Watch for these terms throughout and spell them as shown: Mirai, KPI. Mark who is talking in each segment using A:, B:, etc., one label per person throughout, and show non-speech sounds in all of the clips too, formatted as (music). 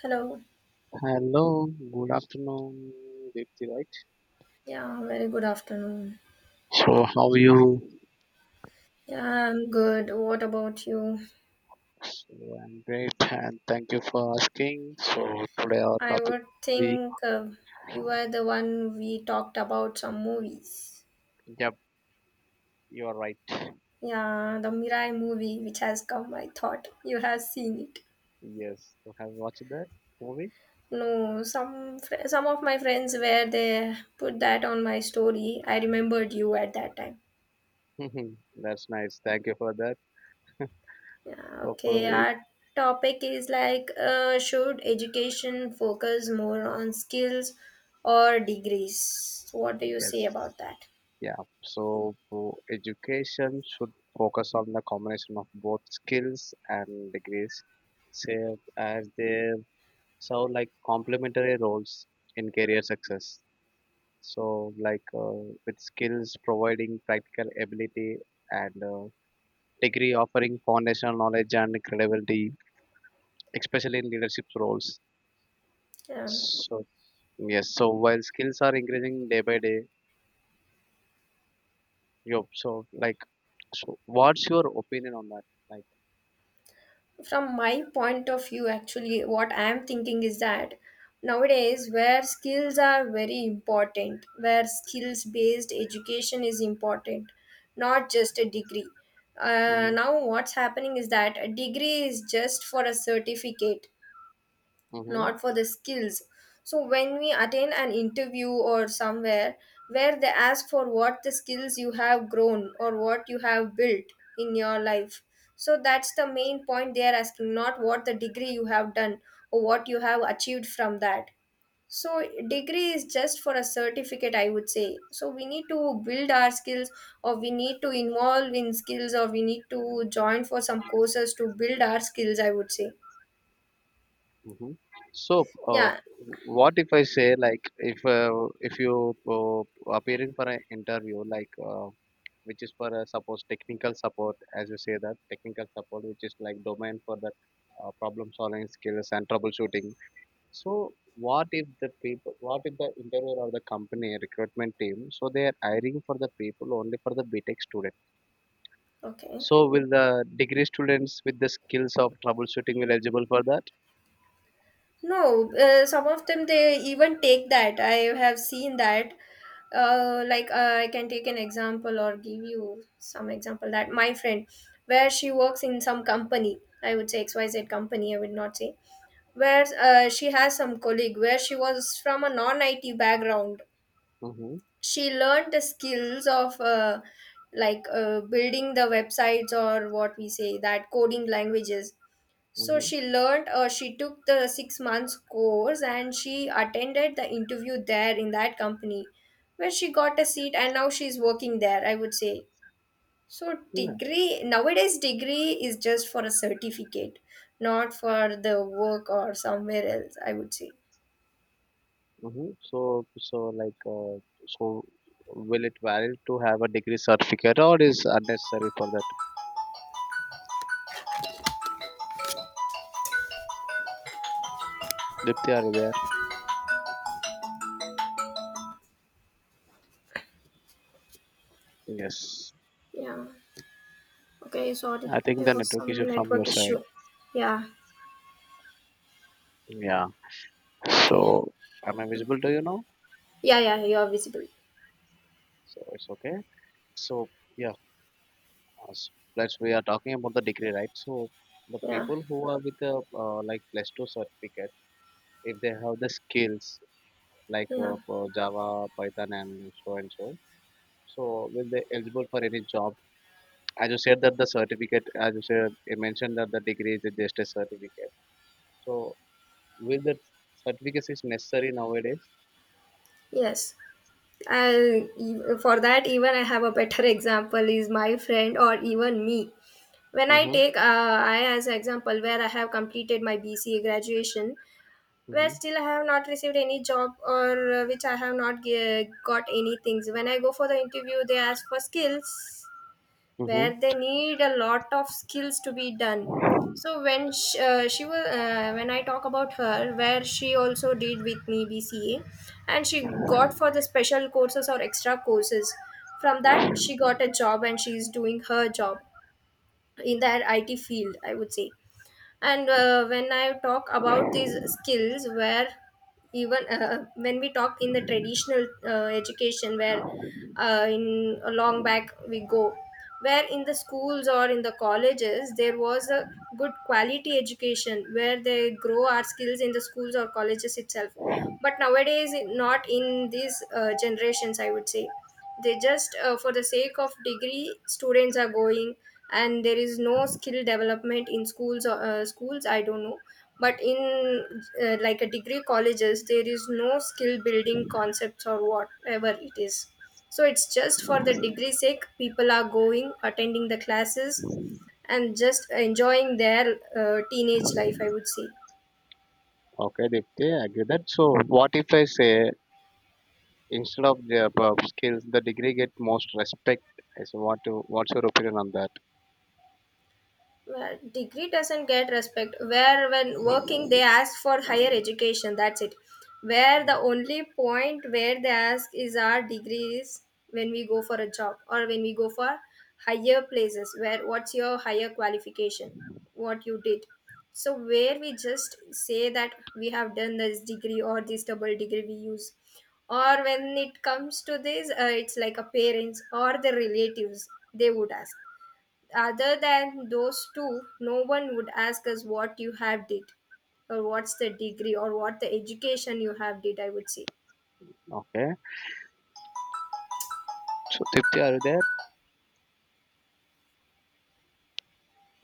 A: Hello.
B: Hello, good afternoon, Deepthi, right?
A: Yeah, very good afternoon.
B: So, how are you?
A: Yeah, I'm good. What about you?
B: So, I'm great, and thank you for asking. So, today our
A: I
B: topic
A: would
B: we
A: think You were the one we talked about some movies.
B: yep, you're right.
A: Yeah, the Mirai movie which has come, I thought you have seen it.
B: Yes, so have you watched that movie?
A: No, some of my friends where they put that on my story. I remembered you at that time.
B: Mhm. (laughs) That's nice. Thank you for that.
A: Yeah,
B: So, for
A: okay,
B: it,
A: our topic is like should education focus more on skills or degrees? So what do you
B: yes,
A: say about that?
B: yeah. So, for education should focus on the combination of both skills and degrees, say as they serve like complementary roles in career success. So, like with skills providing practical ability and degree offering foundational knowledge and credibility, especially in leadership roles.
A: Yeah.
B: So, yes, so while skills are increasing day by day, you so like, so what's your opinion on that? Like,
A: From my point of view, actually, what I'm thinking is that nowadays, where skills are very important, where skills based education is important, not just a degree.
B: hmm
A: Now, what's happening is that a degree is just for a certificate,
B: hmm
A: not for the skills. So when we attend an interview or somewhere where they ask for what the skills you have grown or what you have built in your life. So that's the main point they are asking, not what the degree you have done or what you have achieved from that. So degree is just for a certificate, I would say. So we need to build our skills or we need to involve in skills or we need to join for some courses to build our skills, I would say.
B: hmm so uh,
A: Yeah.
B: what if I say like if you appearing for an interview like which is for suppose technical support, as you say that technical support which is like domain for the problem solving skills and troubleshooting. So, what if the people, what if the interviewer or the company recruitment team, so they are hiring for the people only for the btech student,
A: Okay.
B: so will the degree students with the skills of troubleshooting will eligible for that?
A: No, some of them they even take that. I have seen that. Like, I can take an example or give you some example that my friend, where she works in some company, I would say XYZ company, I would not say, where she has some colleague where she was from a non-IT background.
B: Mm-hmm,
A: She learned the skills of like building the websites or what we say that coding languages so
B: mm-hmm.
A: she took the 6 months course and she attended the interview there in that company where she got a seat and now she's working there, I would say. So,
B: Yeah.
A: degree nowadays, degree is just for a certificate, not for the work or somewhere else, I would say.
B: Mm-hmm. So like uh, so will it valid to have a degree certificate or is unnecessary for that? Dipti, are you there? Yes,
A: Yeah. Okay, sorry.
B: I think
A: There
B: the
A: was
B: network issue
A: some
B: from your
A: network
B: side.
A: issue. Yeah.
B: Yeah,
A: Okay.
B: so am I visible to you now?
A: Yeah, yeah, you are visible.
B: So it's okay. So yeah, as- let we are talking about the degree, right? So the
A: Yeah.
B: people who are with a like plus two certificate, if they have the skills like
A: Yeah.
B: for Java, Python, and so, so will they eligible for any job? As you said that the certificate, as you said, you mentioned that the degree is just a certificate. So will that certificate is necessary nowadays?
A: Yes. And for that, even I have a better (laughs) example is my friend or even me. When I
B: Mm-hmm.
A: take I as example where I have completed my BCA graduation, where still I have not received any job or which I have not got any things. When I go for the interview, they ask for skills
B: Mm-hmm.
A: where they need a lot of skills to be done so when she was when I talk about her where she also did with me BCA and she got for the special courses or extra courses from that she got a job and she is doing her job in that IT field I would say. And when I talk about these skills where even when we talk in the traditional education where in a long back we go where in the schools or in the colleges there was a good quality education where they grow our skills in the schools or colleges itself. But nowadays not in these generations I would say they just for the sake of degree students are going and there is no skill development in schools or schools I don't know but in like a degree colleges there is no skill building concepts or whatever it is. So it's just for the degree sake people are going attending the classes and just enjoying their teenage life I would say.
B: Okay, Dipti, I agree that. So, what if I say instead of the above skills, the degree get most respect? I say, what to, what's your opinion on that?
A: Well, degree doesn't get respect. Where when working they ask for higher education. That's it. Where the only point where they ask is our degrees when we go for a job or when we go for higher places. Where what's your higher qualification? What you did. So where we just say that we have done this degree or this double degree we use or when it comes to this it's like a parents or the relatives they would ask other than those two no one would ask us what you have did or what's the degree or what the education you have did I would say.
B: Okay. So, Dipti, are you there?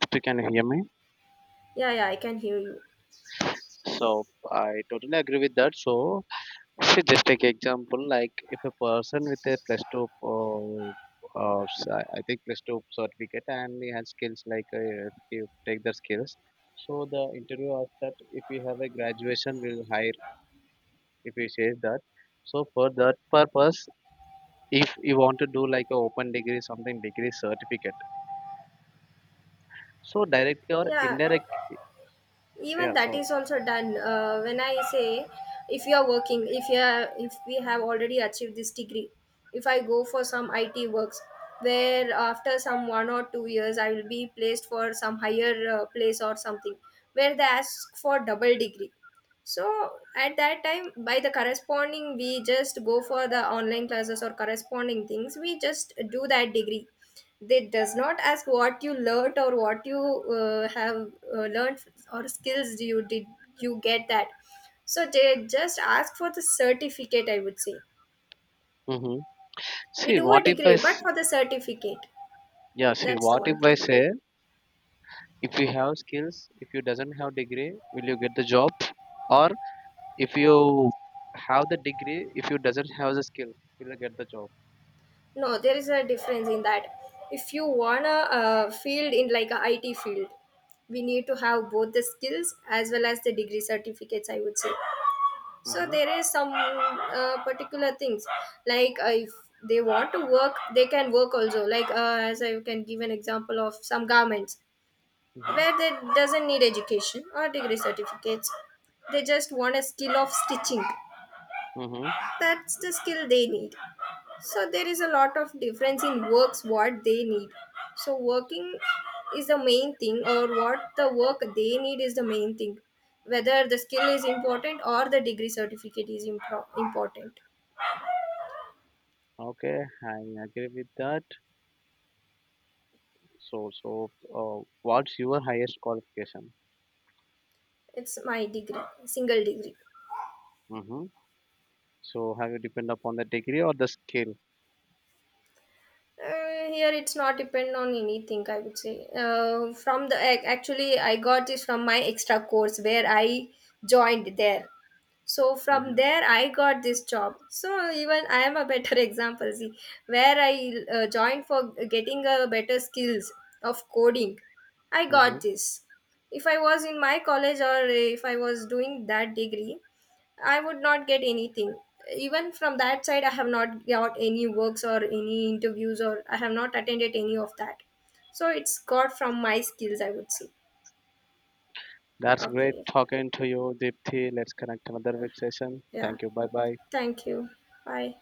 B: Dipti, can you hear me?
A: Yeah, yeah, I can hear you.
B: So, I totally agree with that. So, see, just take example like if a person with a plus two, I think plus two certificate, and he has skills like if you take the skills. So the interview asked that if you have a graduation, we'll hire if you say that, so for that purpose if you want to do like a open degree something degree certificate, so directly or
A: Yeah,
B: indirect, yeah,
A: even that is also done when I say if you are working if you are if we have already achieved this degree if I go for some IT works where after some 1 or 2 years I will be placed for some higher place or something where they ask for double degree so at that time by the corresponding we just go for the online classes or corresponding things we just do that degree they does not ask what you learnt or what you have learned or skills do you did you get that so they just ask for the certificate I would say.
B: hmm
A: We
B: see
A: do a
B: what if
A: degree
B: I
A: but
B: s-
A: for the certificate,
B: yeah, see
A: that's the
B: what if
A: one
B: I
A: thing.
B: say, if you have skills, if you doesn't have degree, will you get the job? Or if you have the degree, if you doesn't have the skill, will you get the job?
A: No there is a difference in that if you want a field in like a IT field we need to have both the skills as well as the degree certificates I would say. So
B: Mm-hmm.
A: there is some particular things like if they want to work they can work also like as I can give an example of some garments
B: Mm-hmm.
A: where they doesn't need education or degree certificates they just want a skill of stitching.
B: Mm-hmm.
A: That's the skill they need. So there is a lot of difference in works what they need so working is the main thing or what the work they need is the main thing whether the skill is important or the degree certificate is important.
B: Okay, I agree with that. So, what's your highest qualification?
A: It's my degree, single degree.
B: Mm-hmm. So have you depend upon the degree or the skill?
A: Here it's not depend on anything. I would say from the actually I got this from my extra course where I joined there. So from
B: hmm
A: there I got this job so even I am a better (laughs) example see where I joined for getting a better skills of coding I got
B: hmm
A: this if I was in my college or if I was doing that degree I would not get anything. Even from that side, I have not got any works or any interviews, or I have not attended any of that. So it's got from my skills, I would say.
B: That's great
A: Okay.
B: talking to you, Deepthi. Let's connect another week session.
A: Yeah.
B: Thank you. Bye bye.
A: Thank you. Bye.